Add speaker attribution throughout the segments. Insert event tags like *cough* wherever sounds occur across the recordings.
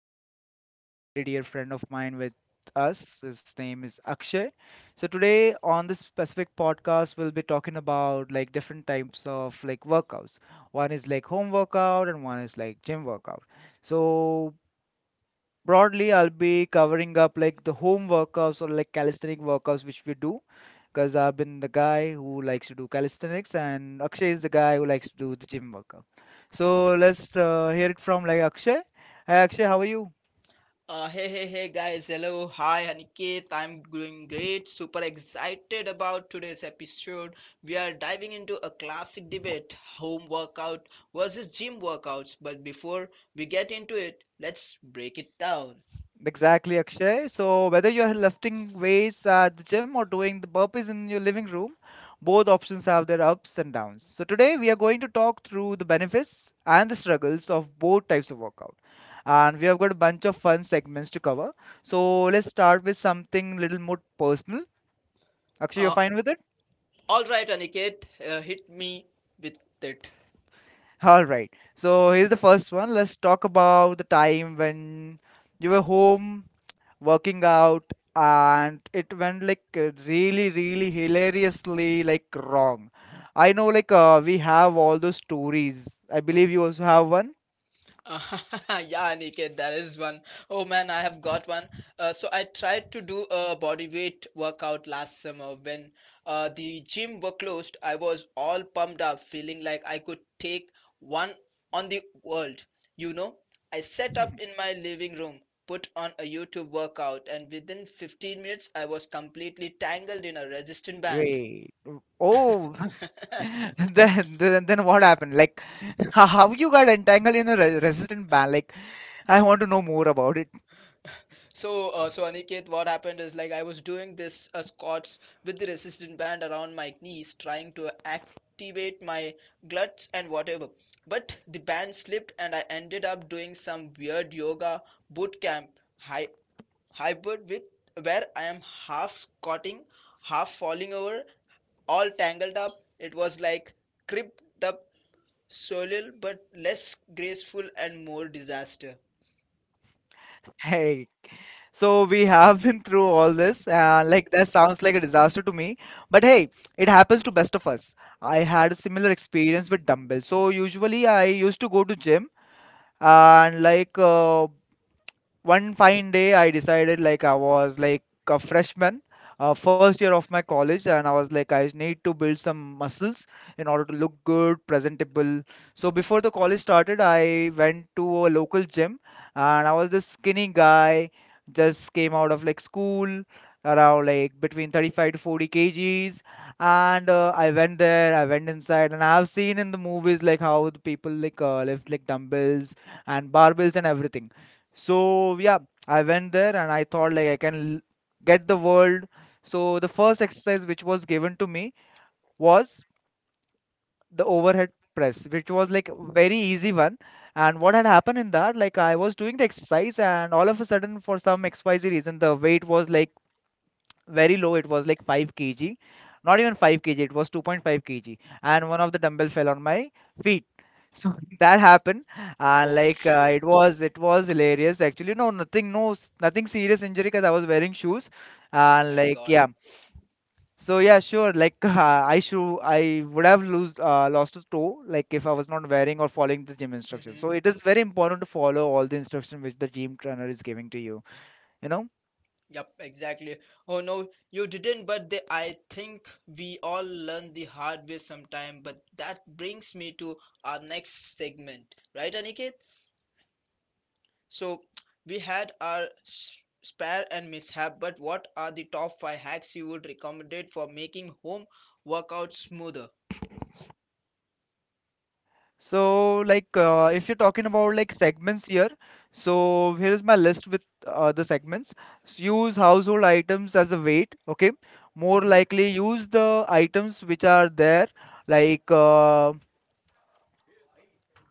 Speaker 1: Like I have a very dear friend of mine with us. His name is Akshay. So today on this specific podcast, we'll be talking about like different types of like workouts. One is like home workout and one is like gym workout. So broadly I'll be covering up like the home workouts or like calisthenic workouts which we do, because I've been the guy who likes to do calisthenics and Akshay is the guy who likes to do the gym workout. So let's hear it from like Akshay. Hi Akshay, how are you?
Speaker 2: Hey, hey, hey, guys. Hello. Hi, Aniket. I'm doing great. Super excited about today's episode. We are diving into a classic debate: home workout versus gym workouts. But before we get into it, let's break it down.
Speaker 1: Exactly, Akshay. So whether you're lifting weights at the gym or doing the burpees in your living room, both options have their ups and downs. So today we are going to talk through the benefits and the struggles of both types of workout. And we have got a bunch of fun segments to cover. So let's start with something little more personal. Akshay, you're
Speaker 2: Uh,
Speaker 1: fine with it?
Speaker 2: all right, Aniket, hit me with it.
Speaker 1: All right. So here's the first one. Let's talk about the time when you were home working out and it went like really, really hilariously like wrong. I know like we have all those stories. I believe you also have one.
Speaker 2: *laughs* Yeah, Niket, that is one. Oh man, I have got one. So I tried to do a body weight workout last summer when the gym were closed. I was all pumped up, feeling like I could take one on the world. You know, I set
Speaker 1: *laughs*
Speaker 2: up in my living room, put on a YouTube workout, and within 15 minutes, I was completely tangled in a resistant band.
Speaker 1: Wait. Oh. *laughs*
Speaker 2: *laughs*
Speaker 1: Then what happened? Like, *laughs* how you got entangled in a resistant band? Like I want to know more about it. *laughs*
Speaker 2: So, Aniket, what happened is like I was doing this squats with the resistant band around my knees, trying to activate my glutes and whatever. But the band slipped, and I ended up doing some weird yoga boot camp hy- hybrid with where I am half squatting, half falling over, all tangled up. It was like cribbed up soil, but less graceful and more disaster.
Speaker 1: Hey. So we have been through all this. Like that sounds like a disaster to me, but hey, it happens to best of us. I had a similar experience with dumbbells. So usually I used to go to gym, and like one fine day I decided, like I was like a freshman, first year of my college, and I was like I need to build some muscles in order to look good presentable. So before the college started I went to a local gym, and I was this skinny guy just came out of like school, around like between 35 to 40 kgs. And I went there, I went inside, and I've seen in the movies like how the people like lift like dumbbells and barbells and everything. So yeah, I went there and I thought like I can get the world. So the first exercise which was given to me was the overhead press, which was like a very easy one. And what had happened in that, like I was doing the exercise, and all of a sudden, for some XYZ reason, the weight was like very low. It was like 5 kg, not even 5 kg, it was 2.5 kg, and one of the dumbbell fell on my feet. So *laughs* that happened. And
Speaker 2: Oh
Speaker 1: like
Speaker 2: shit!
Speaker 1: it was hilarious actually. No, nothing, no, nothing serious injury, because I was wearing shoes.
Speaker 2: Oh
Speaker 1: And
Speaker 2: thank
Speaker 1: like
Speaker 2: God.
Speaker 1: yeah, so yeah, sure, like, *laughs* I would have lose lost a toe, like if I was not wearing or following the gym instructions. So
Speaker 2: *laughs*
Speaker 1: it is very important to follow all the instruction which the gym trainer is giving to you you know
Speaker 2: Yep, exactly. Oh no, you didn't, but they, I think we all learn the hard way sometime. But that brings me to our next segment, right, Aniket? So *tsk* we had our spare and mishap, but what are the top five hacks you would recommendate for making home workout smoother?
Speaker 1: So, like, if you're talking about like segments here, so here is my list with the segments. Use household items as a weight, okay? More
Speaker 2: Hmm.
Speaker 1: likely, use the items which are there, like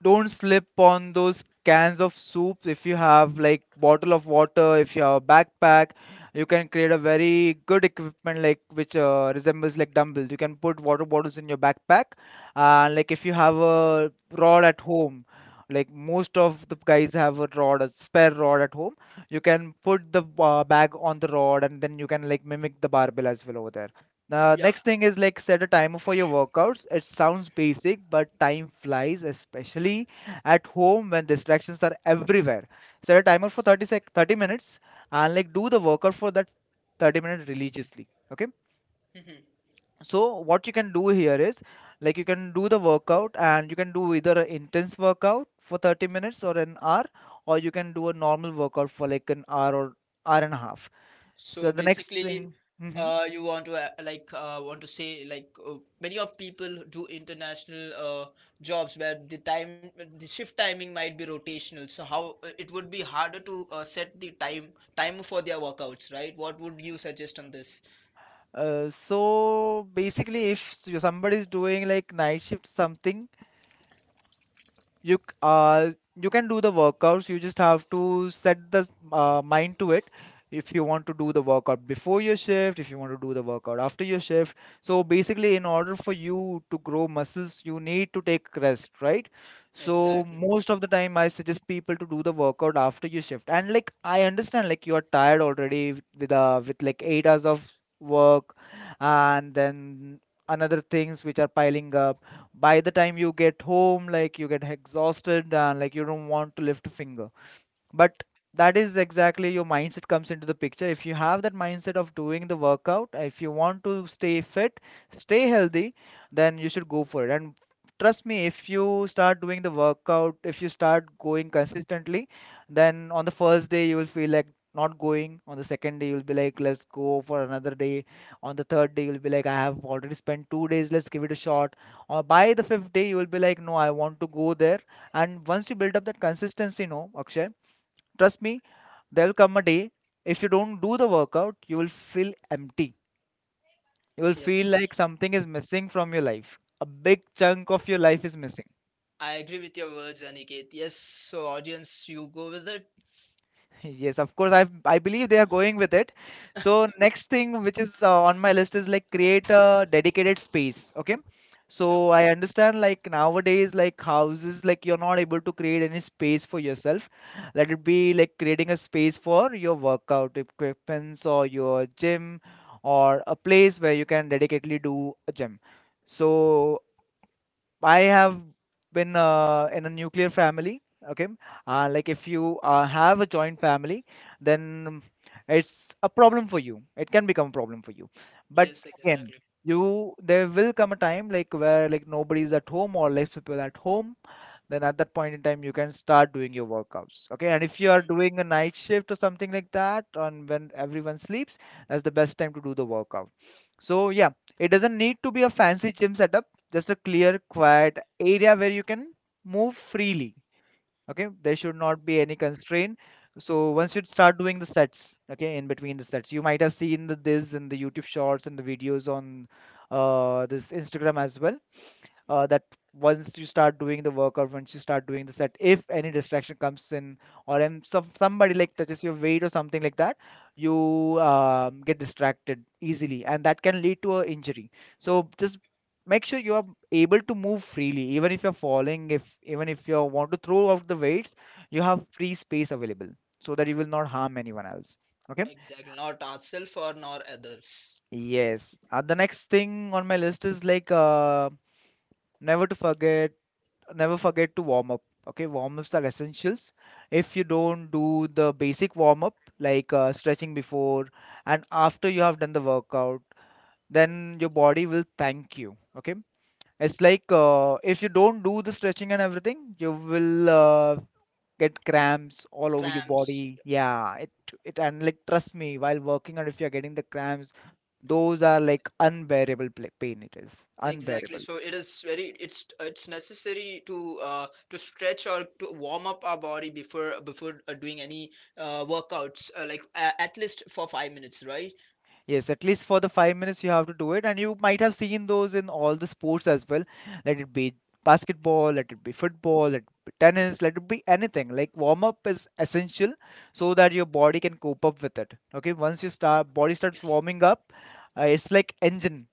Speaker 1: don't slip on those cans of soup. If you have like bottle of water, if you have a backpack, you can create a very good equipment like which resembles like dumbbells. You can put water bottles in your backpack. And like if you have a rod at home, like most of the guys have a rod, a spare rod at home, you can put the bag on the rod, and then you can like mimic the barbell as well over there. Now,
Speaker 2: Yeah.
Speaker 1: next thing is like set a timer for your workouts. It sounds basic, but time flies, especially at home when distractions are everywhere. Set a timer for 30 minutes, and like do the workout for that 30 minutes religiously. Okay.
Speaker 2: *laughs*
Speaker 1: So what you can do here is like you can do the workout, and you can do either an intense workout for 30 minutes or an hour, or you can do a normal workout for like an hour or hour and a half. So
Speaker 2: So
Speaker 1: the next
Speaker 2: basically,
Speaker 1: thing. Mm-hmm.
Speaker 2: you want to say, like, many of people do international jobs where the shift timing might be rotational. So how it would be harder to set the time for their workouts, right? What would you suggest on this?
Speaker 1: So basically, if somebody is doing like night shift something, you can do the workouts. You just have to set the mind to it, if you want to do the workout before your shift, if you want to do the workout after your shift. So basically, in order for you to grow muscles you need to take rest, right? So
Speaker 2: Exactly.
Speaker 1: most of the time I suggest people to do the workout after your shift. And like I understand like you are tired already with with like 8 hours of work, and then another things which are piling up. By the time you get home, like you get exhausted, and like you don't want to lift a finger. But that is exactly your mindset comes into the picture. If you have that mindset of doing the workout, if you want to stay fit, stay healthy, then you should go for it. And trust me, if you start doing the workout, if you start going consistently, then on the first day you will feel like not going. On the second day you'll be like let's go for another day. On the third day you'll be like I have already spent 2 days, let's give it a shot. Or by the fifth day you will be like no, I want to go there. And once you build up that consistency, no Akshay, trust me, there'll come a day if you don't do the workout, you will feel empty. You will feel
Speaker 2: Yes,
Speaker 1: like something is missing from your life. A big chunk of your life is missing.
Speaker 2: I agree with your words, Aniket. Yes. So audience, you go with it.
Speaker 1: *laughs* Yes, of course. I believe they are going with it. So next thing which is on my list is like create a dedicated space. Okay.
Speaker 2: Yep.
Speaker 1: So I understand like nowadays like houses, like you're not able to create any space for yourself. Let it be like creating a space for your workout equipments or your gym, or a place where you can dedicatedly do a gym. So I have been in a nuclear family. Okay, like if you have a joint family, then it's a problem for you. It can become a problem for you. But
Speaker 2: Yes,
Speaker 1: again,
Speaker 2: exactly.
Speaker 1: you there will come a time like where like nobody's at home or less people at home. Then at that point in time you can start doing your workouts, okay? And if you are doing a night shift or something like that on when everyone sleeps, that's the best time to do the workout. So yeah, it doesn't need to be a fancy gym setup, just a clear quiet area where you can move freely. Okay, there should not be any constraint. So once you start doing the sets, okay, in between the sets you might have seen this in the YouTube shorts and the videos on this Instagram as well, that once you start doing the work, or once you start doing the set, if any distraction comes in, or somebody like touches your weight or something like that, you get distracted easily, and that can lead to an injury. So just make sure you are able to move freely, even if you're falling, if even if you want to throw out the weights, you have free space available, so that you will not harm anyone else. Okay.
Speaker 2: Exactly. Not ourselves or nor others.
Speaker 1: Yes, the next thing on my list is like, never to forget never forget to warm up. Okay, warm ups are essentials. If you don't do the basic warm up like stretching, before and after you have done the workout, then your body will thank you. Okay, it's like if you don't do the stretching and everything, you will get cramps all over your
Speaker 2: Cramps.
Speaker 1: body. Yeah, it and like, trust me, while working, and if you're getting the cramps, those are like unbearable pain. It is
Speaker 2: Exactly.
Speaker 1: unbearable.
Speaker 2: So it is very it's necessary to stretch or to warm up our body before doing any workouts, like, a at least for 5 minutes, right?
Speaker 1: Yes, at least for the 5 minutes you have to do it, and you might have seen those in all the sports as well. Let it be basketball, let it be football, let it be tennis, let it be anything. Like warm up is essential so that your body can cope up with it. Okay, once your start body starts warming up, it's like engine,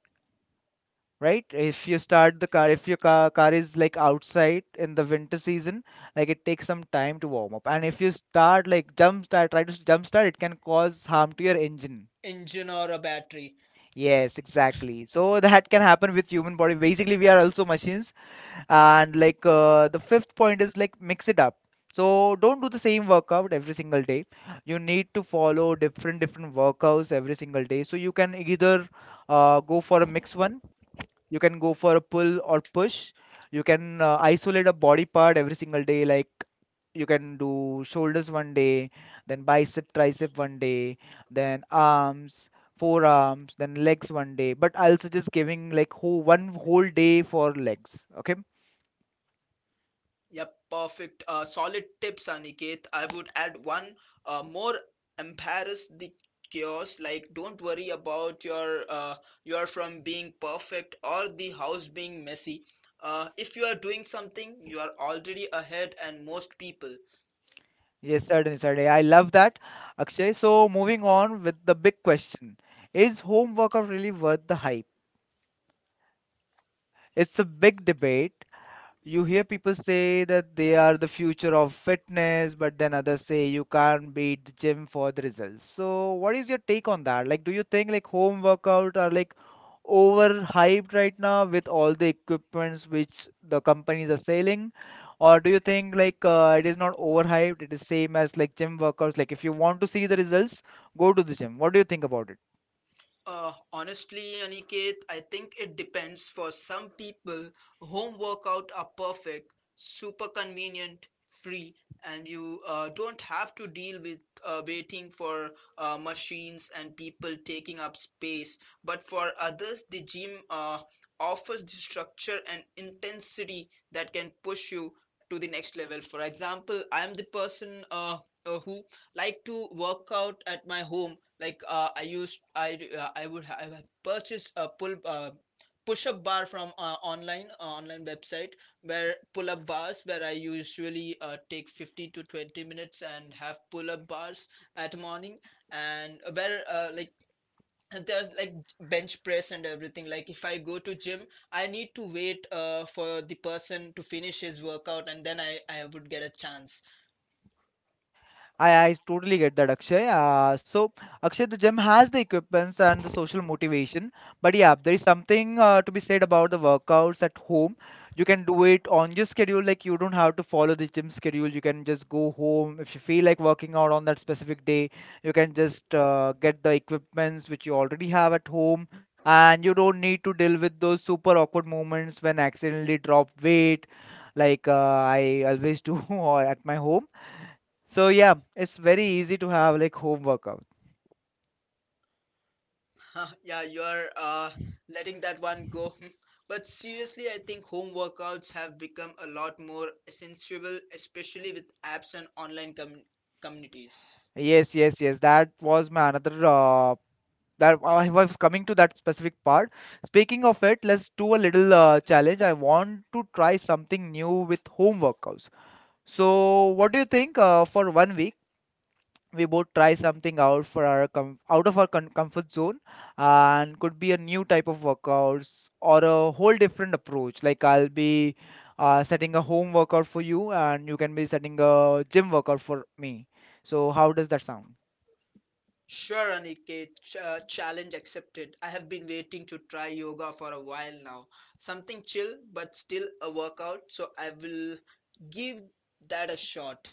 Speaker 1: right? If you start the car, if your car is like outside in the winter season, like it takes some time to warm up, and if you start like jump start, try to jump start, it can cause harm to your engine.
Speaker 2: Engine or a battery.
Speaker 1: Yes, exactly. So that can happen with human body. Basically, we are also machines. And the fifth point is like mix it up. So don't do the same workout every single day. You need to follow different workouts every single day. So you can either go for a mix one, you can go for a pull or push, you can isolate a body part every single day, like you can do shoulders one day, then bicep tricep one day, then arms, forearms, then legs one day, but I'll suggest giving like whole, one whole day for legs. Okay,
Speaker 2: Yep, perfect. Solid tips, Aniket. I would add one more: embarrass the chaos. Like, don't worry about your from being perfect or the house being messy. If you are doing something, you are already ahead and most people.
Speaker 1: yes, certainly, I love that, Akshay. So moving on with the big question, is home workout really worth the hype? It's a big debate. You hear people say that they are the future of fitness, but then others say you can't beat the gym for the results. So, what is your take on that? Like, do you think like home workout are like overhyped right now with all the equipments which the companies are selling? Or do you think like it is not overhyped? It is same as like gym workouts. Like, if you want to see the results, go to the gym. What do you think about it?
Speaker 2: Honestly, Aniket, I think it depends. For some people, home workout are perfect, super convenient, free, and you don't have to deal with waiting for machines and people taking up space. But for others, the gym offers the structure and intensity that can push you to the next level. For example, I am the person, who like to work out at my home, like, I used I d- I would ha- I have purchased a pull push up bar from online website, where pull up bars, where I usually take 15 to 20 minutes and have pull up bars at morning, and where, like, and there's like bench press and everything. Like, if I go to gym, I need to wait for the person to finish his workout, and then I would get a chance.
Speaker 1: I totally get that, Akshay. So, Akshay, the gym has the equipments and the social motivation. But yeah, there is something to be said about the workouts at home. You can do it on your schedule. Like, you don't have to follow the gym schedule. You can just go home. If you feel like working out on that specific day, you can just get the equipments which you already have at home. And you don't need to deal with those super awkward moments when accidentally drop weight, like I always do *laughs* or at my home. So yeah, it's very easy to have like home workout.
Speaker 2: Huh, yeah, you are letting that one go. Hmm. But seriously, I think home workouts have become a lot more sensible, especially with apps and online communities.
Speaker 1: Yes, yes, yes. That was my another that I was coming to that specific part. Speaking of it, let's do a little challenge. I want to try something new with home workouts. So what do you think for one week? We both try something out for our out of our comfort zone, and could be a new type of workouts or a whole different approach. Like I'll be setting a home workout for you, and you can be setting a gym workout for me. So how does that sound?
Speaker 2: Sure, Aniket, challenge accepted. I have been waiting to try yoga for a while now. Something chill, but still a workout, so I will give that a shot.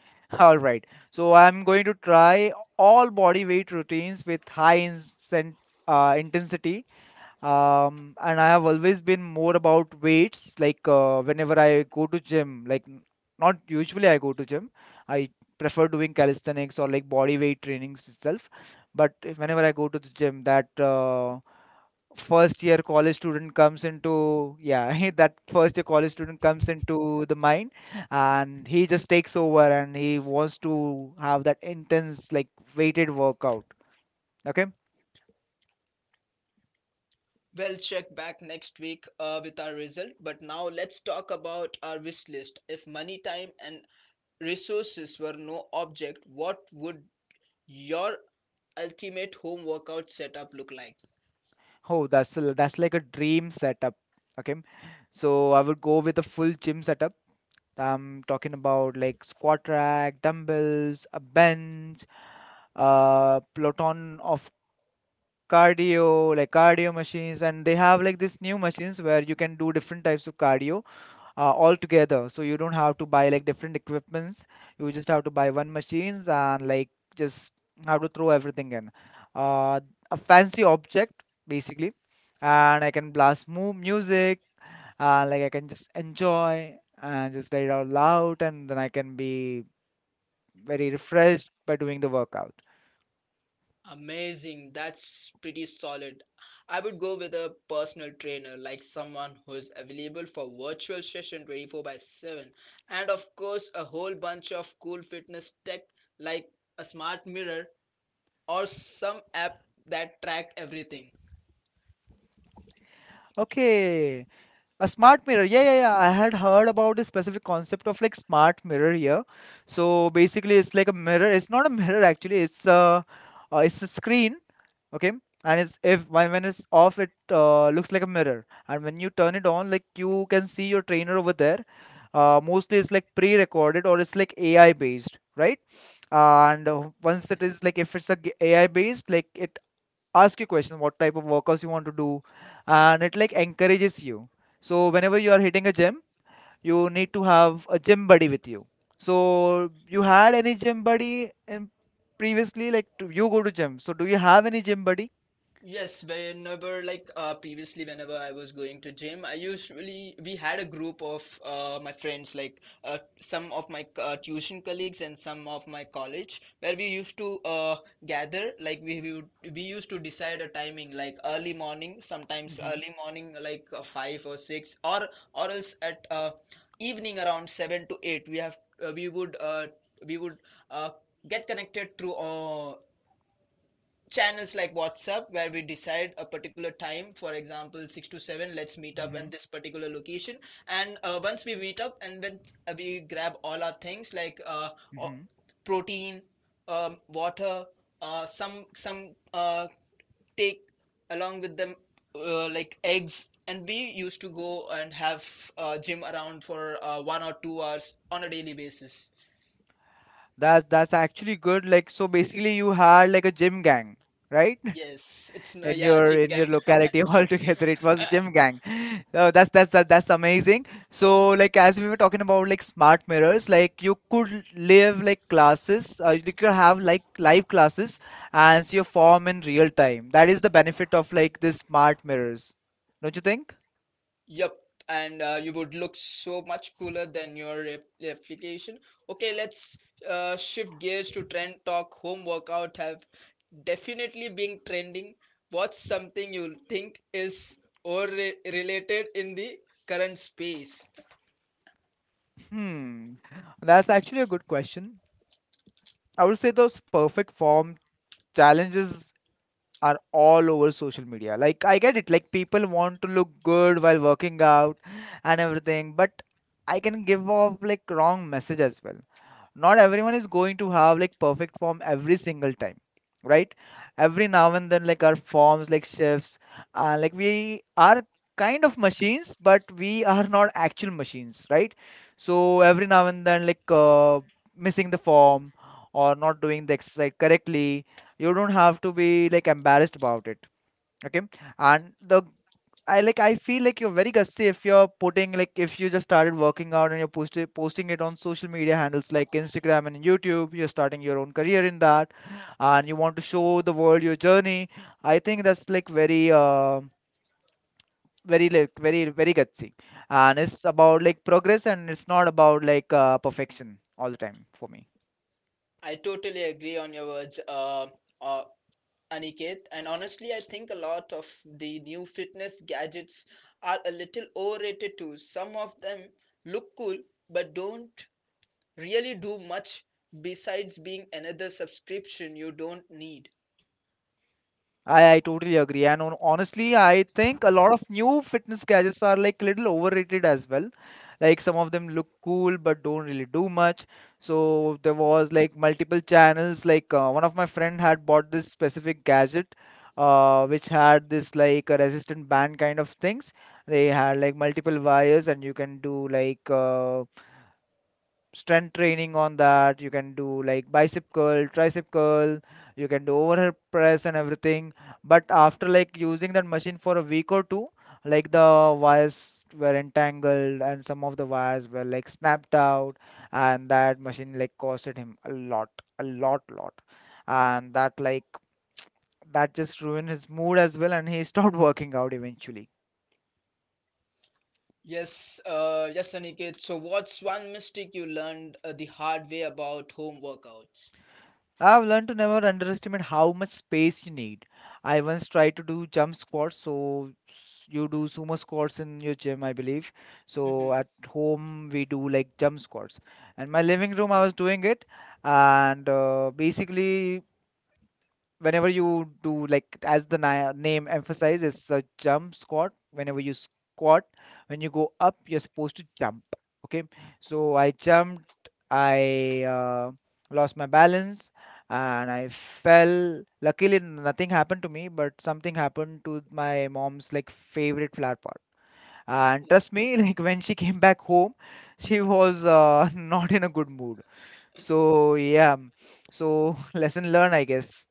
Speaker 1: *laughs* All right, so I'm going to try all body weight routines with high intensity. And I have always been more about weights, like whenever I go to gym, like not usually I go to gym. I prefer doing calisthenics or like body weight trainings itself. But if whenever I go to the gym, that first year college student comes into, yeah, *laughs* that first year college student comes into the mind, and he just takes over and he wants to have that intense like weighted workout. Okay.
Speaker 2: We'll check back next week with our result, but now let's talk about our wish list. If money, time, and resources were no object, what would your ultimate home workout setup look like?
Speaker 1: Oh, that's like a dream setup. Okay, so I would go with a full gym setup. I'm talking about like squat rack, dumbbells, a bench, a peloton of cardio, like cardio machines, and they have like these new machines where you can do different types of cardio all together, so you don't have to buy like different equipments. You just have to buy one machines and like just have to throw everything in uh, a fancy object basically. And I can blast mu music, and like I can just enjoy and just let it out loud, and then I can be very refreshed by doing the workout.
Speaker 2: Amazing. That's pretty solid. I would go with a personal trainer, like someone who is available for virtual session 24 by 7. And of course, a whole bunch of cool fitness tech like a smart mirror or some app that track everything.
Speaker 1: Okay. A smart mirror. Yeah, yeah, yeah. I had heard about the specific concept of like smart mirror here. So basically, it's like a mirror. It's not a mirror actually. It's a screen. Okay, and it's if when it's off, it looks like a mirror, and when you turn it on, like you can see your trainer over there. Mostly it's like pre-recorded or it's like AI based, right? And once it is like if it's a AI based, like it ask you question what type of workouts you want to do, and it like encourages you. So whenever you are hitting a gym, you need to have a gym buddy with you. So you had any gym buddy in previously, like you go to gym, so do you have any gym buddy?
Speaker 2: Yes, whenever, like, previously, whenever I was going to gym, I usually we had a group of my friends, like, some of my tuition colleagues and some of my college, where we used to gather. Like, we used to decide a timing, like early morning, sometimes
Speaker 1: Hmm.
Speaker 2: early morning, like, 5 or 6, or else at, evening, around 7 to 8. We would uh, get connected through channels like WhatsApp, where we decide a particular time, for example, 6 to 7. Let's meet up
Speaker 1: Hmm.
Speaker 2: at this particular location. And once we meet up and when we grab all our things like,
Speaker 1: Hmm.
Speaker 2: protein, water, some take along with them, like, eggs. And we used to go and have gym around for 1 or 2 hours on a daily basis.
Speaker 1: That's actually good. Like so basically you had like a gym gang, right?
Speaker 2: Yes,
Speaker 1: In
Speaker 2: yeah,
Speaker 1: your
Speaker 2: gym
Speaker 1: in your
Speaker 2: time.
Speaker 1: locality, *laughs* altogether it was
Speaker 2: *laughs*
Speaker 1: gym gang. So that's amazing. So like as we were talking about like smart mirrors, like you could live like classes, you could have like live classes and see your form in real time. That is the benefit of like this smart mirrors, don't you think?
Speaker 2: Yep, and you would look so much cooler than your replication. Okay, let's shift gears to trend talk. Home workout have definitely been trending. What's something you think is or related in the current space?
Speaker 1: Hmm. That's actually a good question. I would say those perfect form challenges are all over social media. Like I get it, like people want to look good while working out and everything, but I can give off like wrong message as well. Not everyone is going to have like perfect form every single time, right? Every now and then, like our forms like shifts, like we are kind of machines, but we are not actual machines, right? So every now and then, like missing the form or not doing the exercise correctly, you don't have to be like embarrassed about it. Okay. And the, I like I feel like you're very gutsy, if you're putting like if you just started working out and you're posting it on social media handles like Instagram and YouTube, you're starting your own career in that, and you want to show the world your journey. I think that's like very very, like very very gutsy. And it's about like progress, and it's not about like perfection all the time for me.
Speaker 2: I totally agree on your words, uh, Aniket. And honestly, I think a lot of the new fitness gadgets are a little overrated too. Some of them look cool, but don't really do much besides being another subscription you don't need.
Speaker 1: I totally agree. And on, honestly, I think a lot of new fitness gadgets are like little overrated as well. Like some of them look cool but don't really do much. So there was like multiple channels. Like one of my friend had bought this specific gadget, which had this like a resistant band kind of things. They had like multiple wires, and you can do like strength training on that. You can do like bicep curl, tricep curl, you can do overhead press and everything, but after like using that machine for a week or two, like the wires were entangled and some of the wires were like snapped out, and that machine like costed him a lot, a lot. And that like *tsk* that just ruined his mood as well, and he stopped *laughs* working out eventually.
Speaker 2: Yes, yes, Aniket. So, what's one mistake you learned the hard way about home workouts?
Speaker 1: I've learned to never underestimate how much space you need. I once tried to do jump squats, so you do sumo squats in your gym, I believe.
Speaker 2: Mhm.
Speaker 1: So
Speaker 2: *laughs*
Speaker 1: at home we do like jump squats. And my living room, I was doing it, and basically whenever you do like, as the name emphasizes a jump squat, whenever you squat, when you go up, you're supposed to jump. Okay, so I jumped, I lost my balance, and I fell. Luckily nothing happened to me, but something happened to my mom's like favorite flower pot. And trust me, *laughs* like when she came back home, she was *laughs* not in a good mood. So yeah, so *laughs* lesson learned, I guess.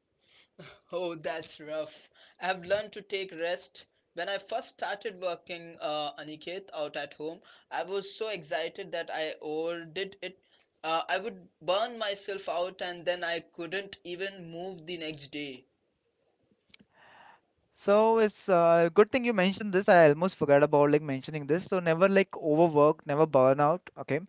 Speaker 2: Oh, that's rough. I've learned to take rest. When I first started working, Aniket, out at home, I was so excited that I overdid it. I would burn myself out and then I couldn't even move the next day.
Speaker 1: So it's good thing you mentioned this. I almost forgot about like mentioning this. So never like overwork, never burn out. Okay,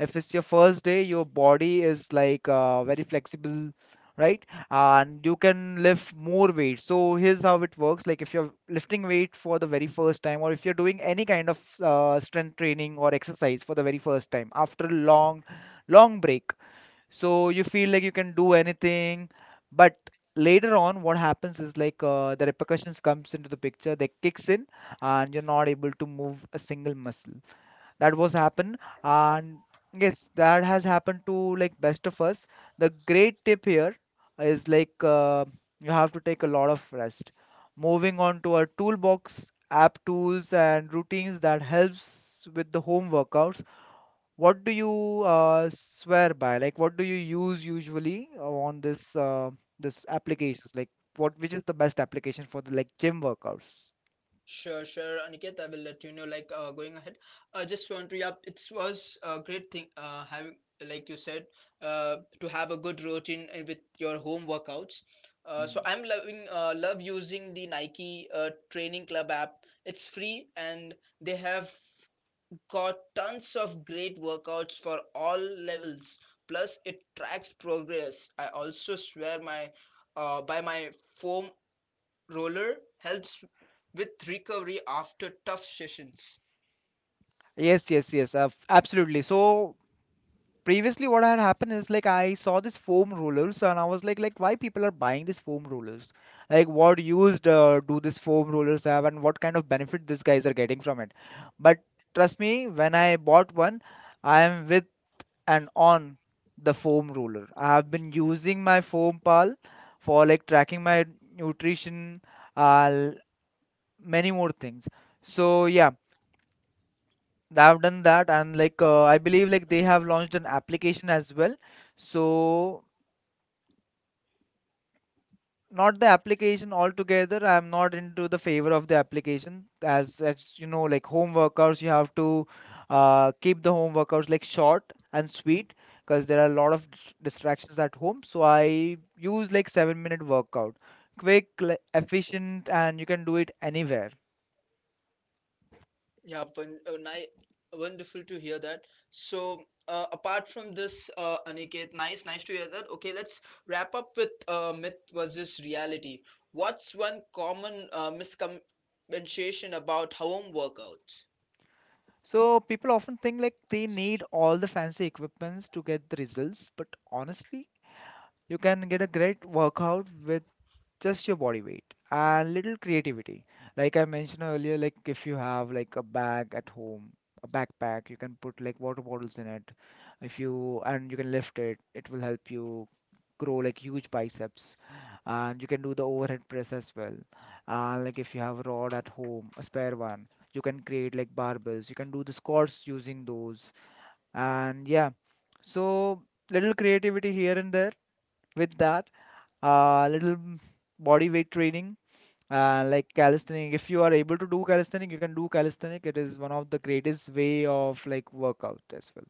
Speaker 1: if it's your first day, your body is like very flexible, right? And you can lift more weight. So here's how it works. Like if you're lifting weight for the very first time, or if you're doing any kind of strength training or exercise for the very first time after a long, long break, so you feel like you can do anything, but later on what happens is the repercussions comes into the picture, they kicks in, and you're not able to move a single muscle. That was happen. And yes, that has happened to like best of us. The great tip here is you have to take a lot of rest. Moving on to our toolbox app tools and routines that helps with the home workouts, what do you swear by? Like what do you use usually on this this applications? Like what, which is the best application for the like gym workouts?
Speaker 2: Sure, sure, Aniket. I will let you know. Like, going ahead, I just want to. Yeah, it was a great thing. Having, like you said, to have a good routine with your home workouts. So
Speaker 1: Mhm.
Speaker 2: I'm love using the Nike Training Club app. It's free and they have got tons of great workouts for all levels. Plus, it tracks progress. I also swear my by my foam roller helps with recovery after tough sessions.
Speaker 1: Yes, yes, yes, absolutely. So previously what had happened is like I saw this foam rollers and I was like why people are buying these foam rollers, like what use do these foam rollers have, and what kind of benefit these guys are getting from it. But trust me, when I bought one, I am with and on the foam roller. I have been using my foam pal for like tracking my nutrition, uh, l- many more things. So yeah, they have done that. And like I believe like they have launched an application as well. So not the application altogether, I'm not into the favor of the application. As you know, like home workouts, you have to keep the home workouts like short and sweet, because there are a lot of distractions at home. So I use like 7-minute workout, quick, efficient, and you can do it anywhere.
Speaker 2: Yeah, wonderful to hear that. So, apart from this, Aniket, nice to hear that. Okay, let's wrap up with myth versus reality. What's one common misconception about home workouts?
Speaker 1: So people often think like they need all the fancy equipments to get the results, but honestly, you can get a great workout with just your body weight and little creativity. Like I mentioned earlier, like if you have like a bag at home, a backpack, you can put like water bottles in it. If you and you can lift it, it will help you grow like huge biceps, and you can do the overhead press as well. And like if you have a rod at home, a spare one, you can create like barbells, you can do the squats using those. And yeah, so little creativity here and there, with that little body weight training, like calisthenic. If you are able to do calisthenic, you can do calisthenic. It is one of the greatest way of like workout as well.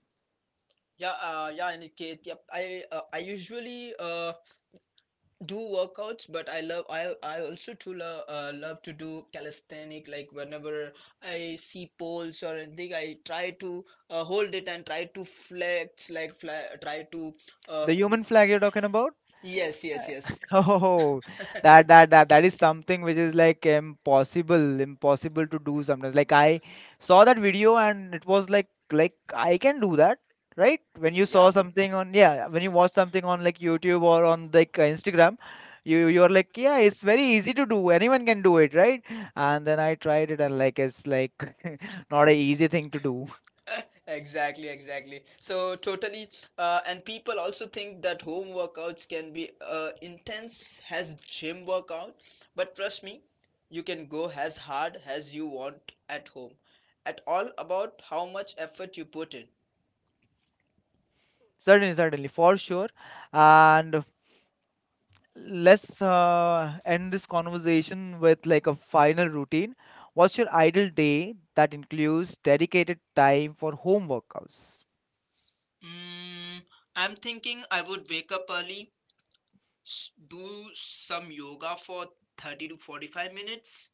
Speaker 2: Yeah, yeah, Aniket. Yep, I usually do workouts, but I also too love to do calisthenic, like whenever I see poles or anything, I try to hold it and try to flex, like fly, try to uh,
Speaker 1: The human flag you're talking about?
Speaker 2: yes, yes, yes.
Speaker 1: *laughs* Oh, that is something which is like impossible, impossible to do sometimes. Like I saw that video and it was like I can do that, right? When you
Speaker 2: Yeah,
Speaker 1: saw something on, yeah, when you watch something on like YouTube or on like Instagram, you're like yeah, it's very easy to do. Anyone can do it, right? And then I tried it and like it's like *laughs* not a easy thing to do. *laughs*
Speaker 2: *laughs* exactly, exactly. So totally, and people also think that home workouts can be intense as gym workout, but trust me, you can go as hard as you want at home, at all about how much effort you put in.
Speaker 1: Certainly, certainly, for sure. And let's end this conversation with like a final routine. What's your ideal day that includes dedicated time for home workouts?
Speaker 2: mm, I'm thinking I would wake up early, do some yoga for 30 to 45 minutes,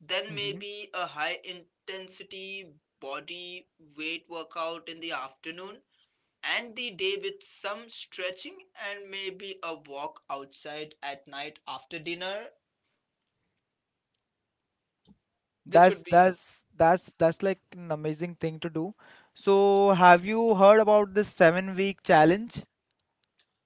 Speaker 2: then
Speaker 1: Hmm.
Speaker 2: maybe a high intensity body weight workout in the afternoon, and the day with some stretching and maybe a walk outside at night after dinner. This
Speaker 1: That's
Speaker 2: would be.
Speaker 1: that's like an amazing thing to do. So, have you heard about this 7 week challenge?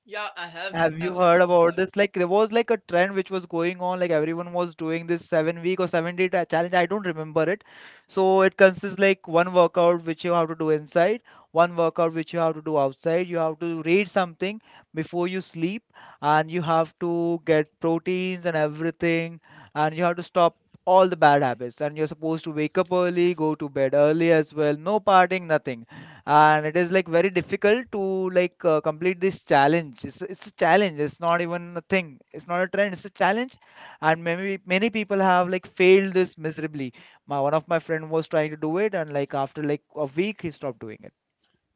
Speaker 2: Yeah, I
Speaker 1: Have
Speaker 2: have
Speaker 1: you heard
Speaker 2: heard.
Speaker 1: about this? Like there was like a trend which was going on, like everyone was doing this 7 week or 7 day challenge. I don't remember it. So it consists like one workout which you have to do inside, one workout which you have to do outside. You have to read something before you sleep, and you have to get proteins and everything, and you have to stop all the bad habits. And you're supposed to wake up early, go to bed early as well. No partying, nothing. And it is like very difficult to like complete this challenge. It's a challenge, it's not even a thing, it's not a trend, it's a challenge. And maybe many people have like failed this miserably. My one of my friend was trying to do it, and like after like a week he stopped doing it.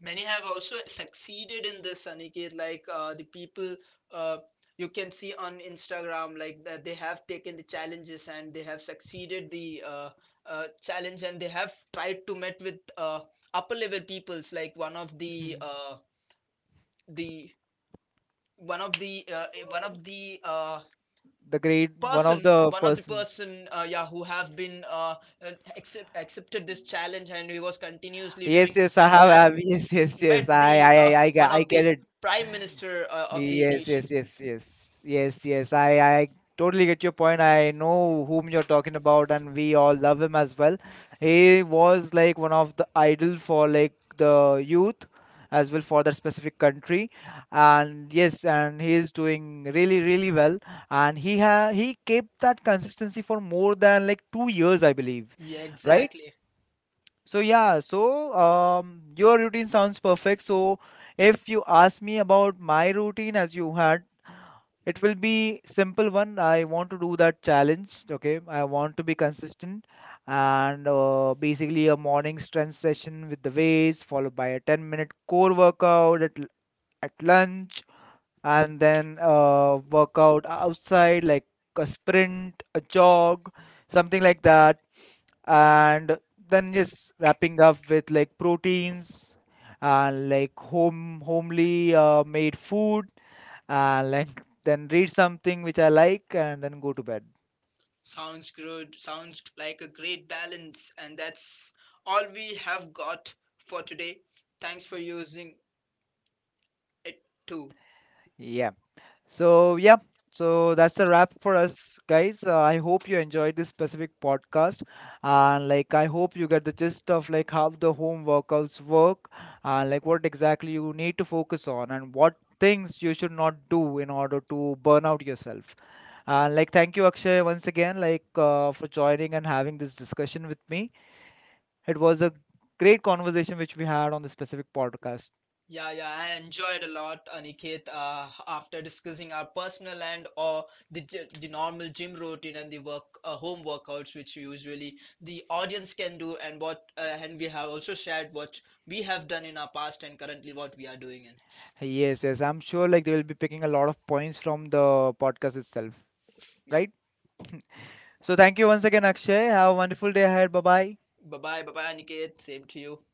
Speaker 2: Many have also succeeded in this, Aniket. Like, the people, uh, you can see on Instagram, like that they have taken the challenges and they have succeeded the challenge, and they have tried to met with upper level peoples. Like
Speaker 1: Mhm.
Speaker 2: the one of the
Speaker 1: The great one of the person,
Speaker 2: person, yeah, who have been accepted this challenge and he was continuously
Speaker 1: yes
Speaker 2: doing this
Speaker 1: yes I
Speaker 2: and
Speaker 1: have,
Speaker 2: had
Speaker 1: yes yes
Speaker 2: met
Speaker 1: yes i
Speaker 2: the
Speaker 1: i i, I, ge-
Speaker 2: one
Speaker 1: I
Speaker 2: of
Speaker 1: get
Speaker 2: the
Speaker 1: it.
Speaker 2: prime minister of the
Speaker 1: Yes,
Speaker 2: nation.
Speaker 1: yes, yes, yes, yes, yes. I totally get your point. I know whom you're talking about, and we all love him as well. He was like one of the idol for like the youth as well for that specific country, and yes, and he is doing really, really well. And he kept that consistency for more than like 2 years, I believe,
Speaker 2: Yeah,
Speaker 1: right?
Speaker 2: exactly.
Speaker 1: So yeah, so your routine sounds perfect. So if you ask me about my routine as you had, it will be simple one. I want to do that challenge. Okay, I want to be consistent, and basically a morning strength session with the weights, followed by a 10-minute core workout at lunch, and then workout outside like a sprint, a jog, something like that. And then just wrapping up with like proteins and like homely made food, like then read something which I like and then go to bed.
Speaker 2: Sounds good. Sounds like a great balance. And that's all we have got for today. Thanks for using it too.
Speaker 1: Yeah. So yeah. So that's a wrap for us, guys. I hope you enjoyed this specific podcast, and like I hope you get the gist of like how the home workouts work, and like what exactly you need to focus on, and what things you should not do in order to burn out yourself. And like thank you, Akshay, once again, like for joining and having this discussion with me. It was a great conversation which we had on this specific podcast.
Speaker 2: Yeah, yeah, I enjoyed a lot, Aniket. After discussing our personal and, or the the normal gym routine and the work home workouts, which usually the audience can do, and what and we have also shared what we have done in our past and currently what we are doing. And
Speaker 1: Yes, yes. I'm sure like they will be picking a lot of points from the podcast itself,
Speaker 2: yeah,
Speaker 1: right? So thank you once again, Akshay. Have a wonderful day ahead. Bye bye.
Speaker 2: bye bye, bye bye, Aniket. Same to you.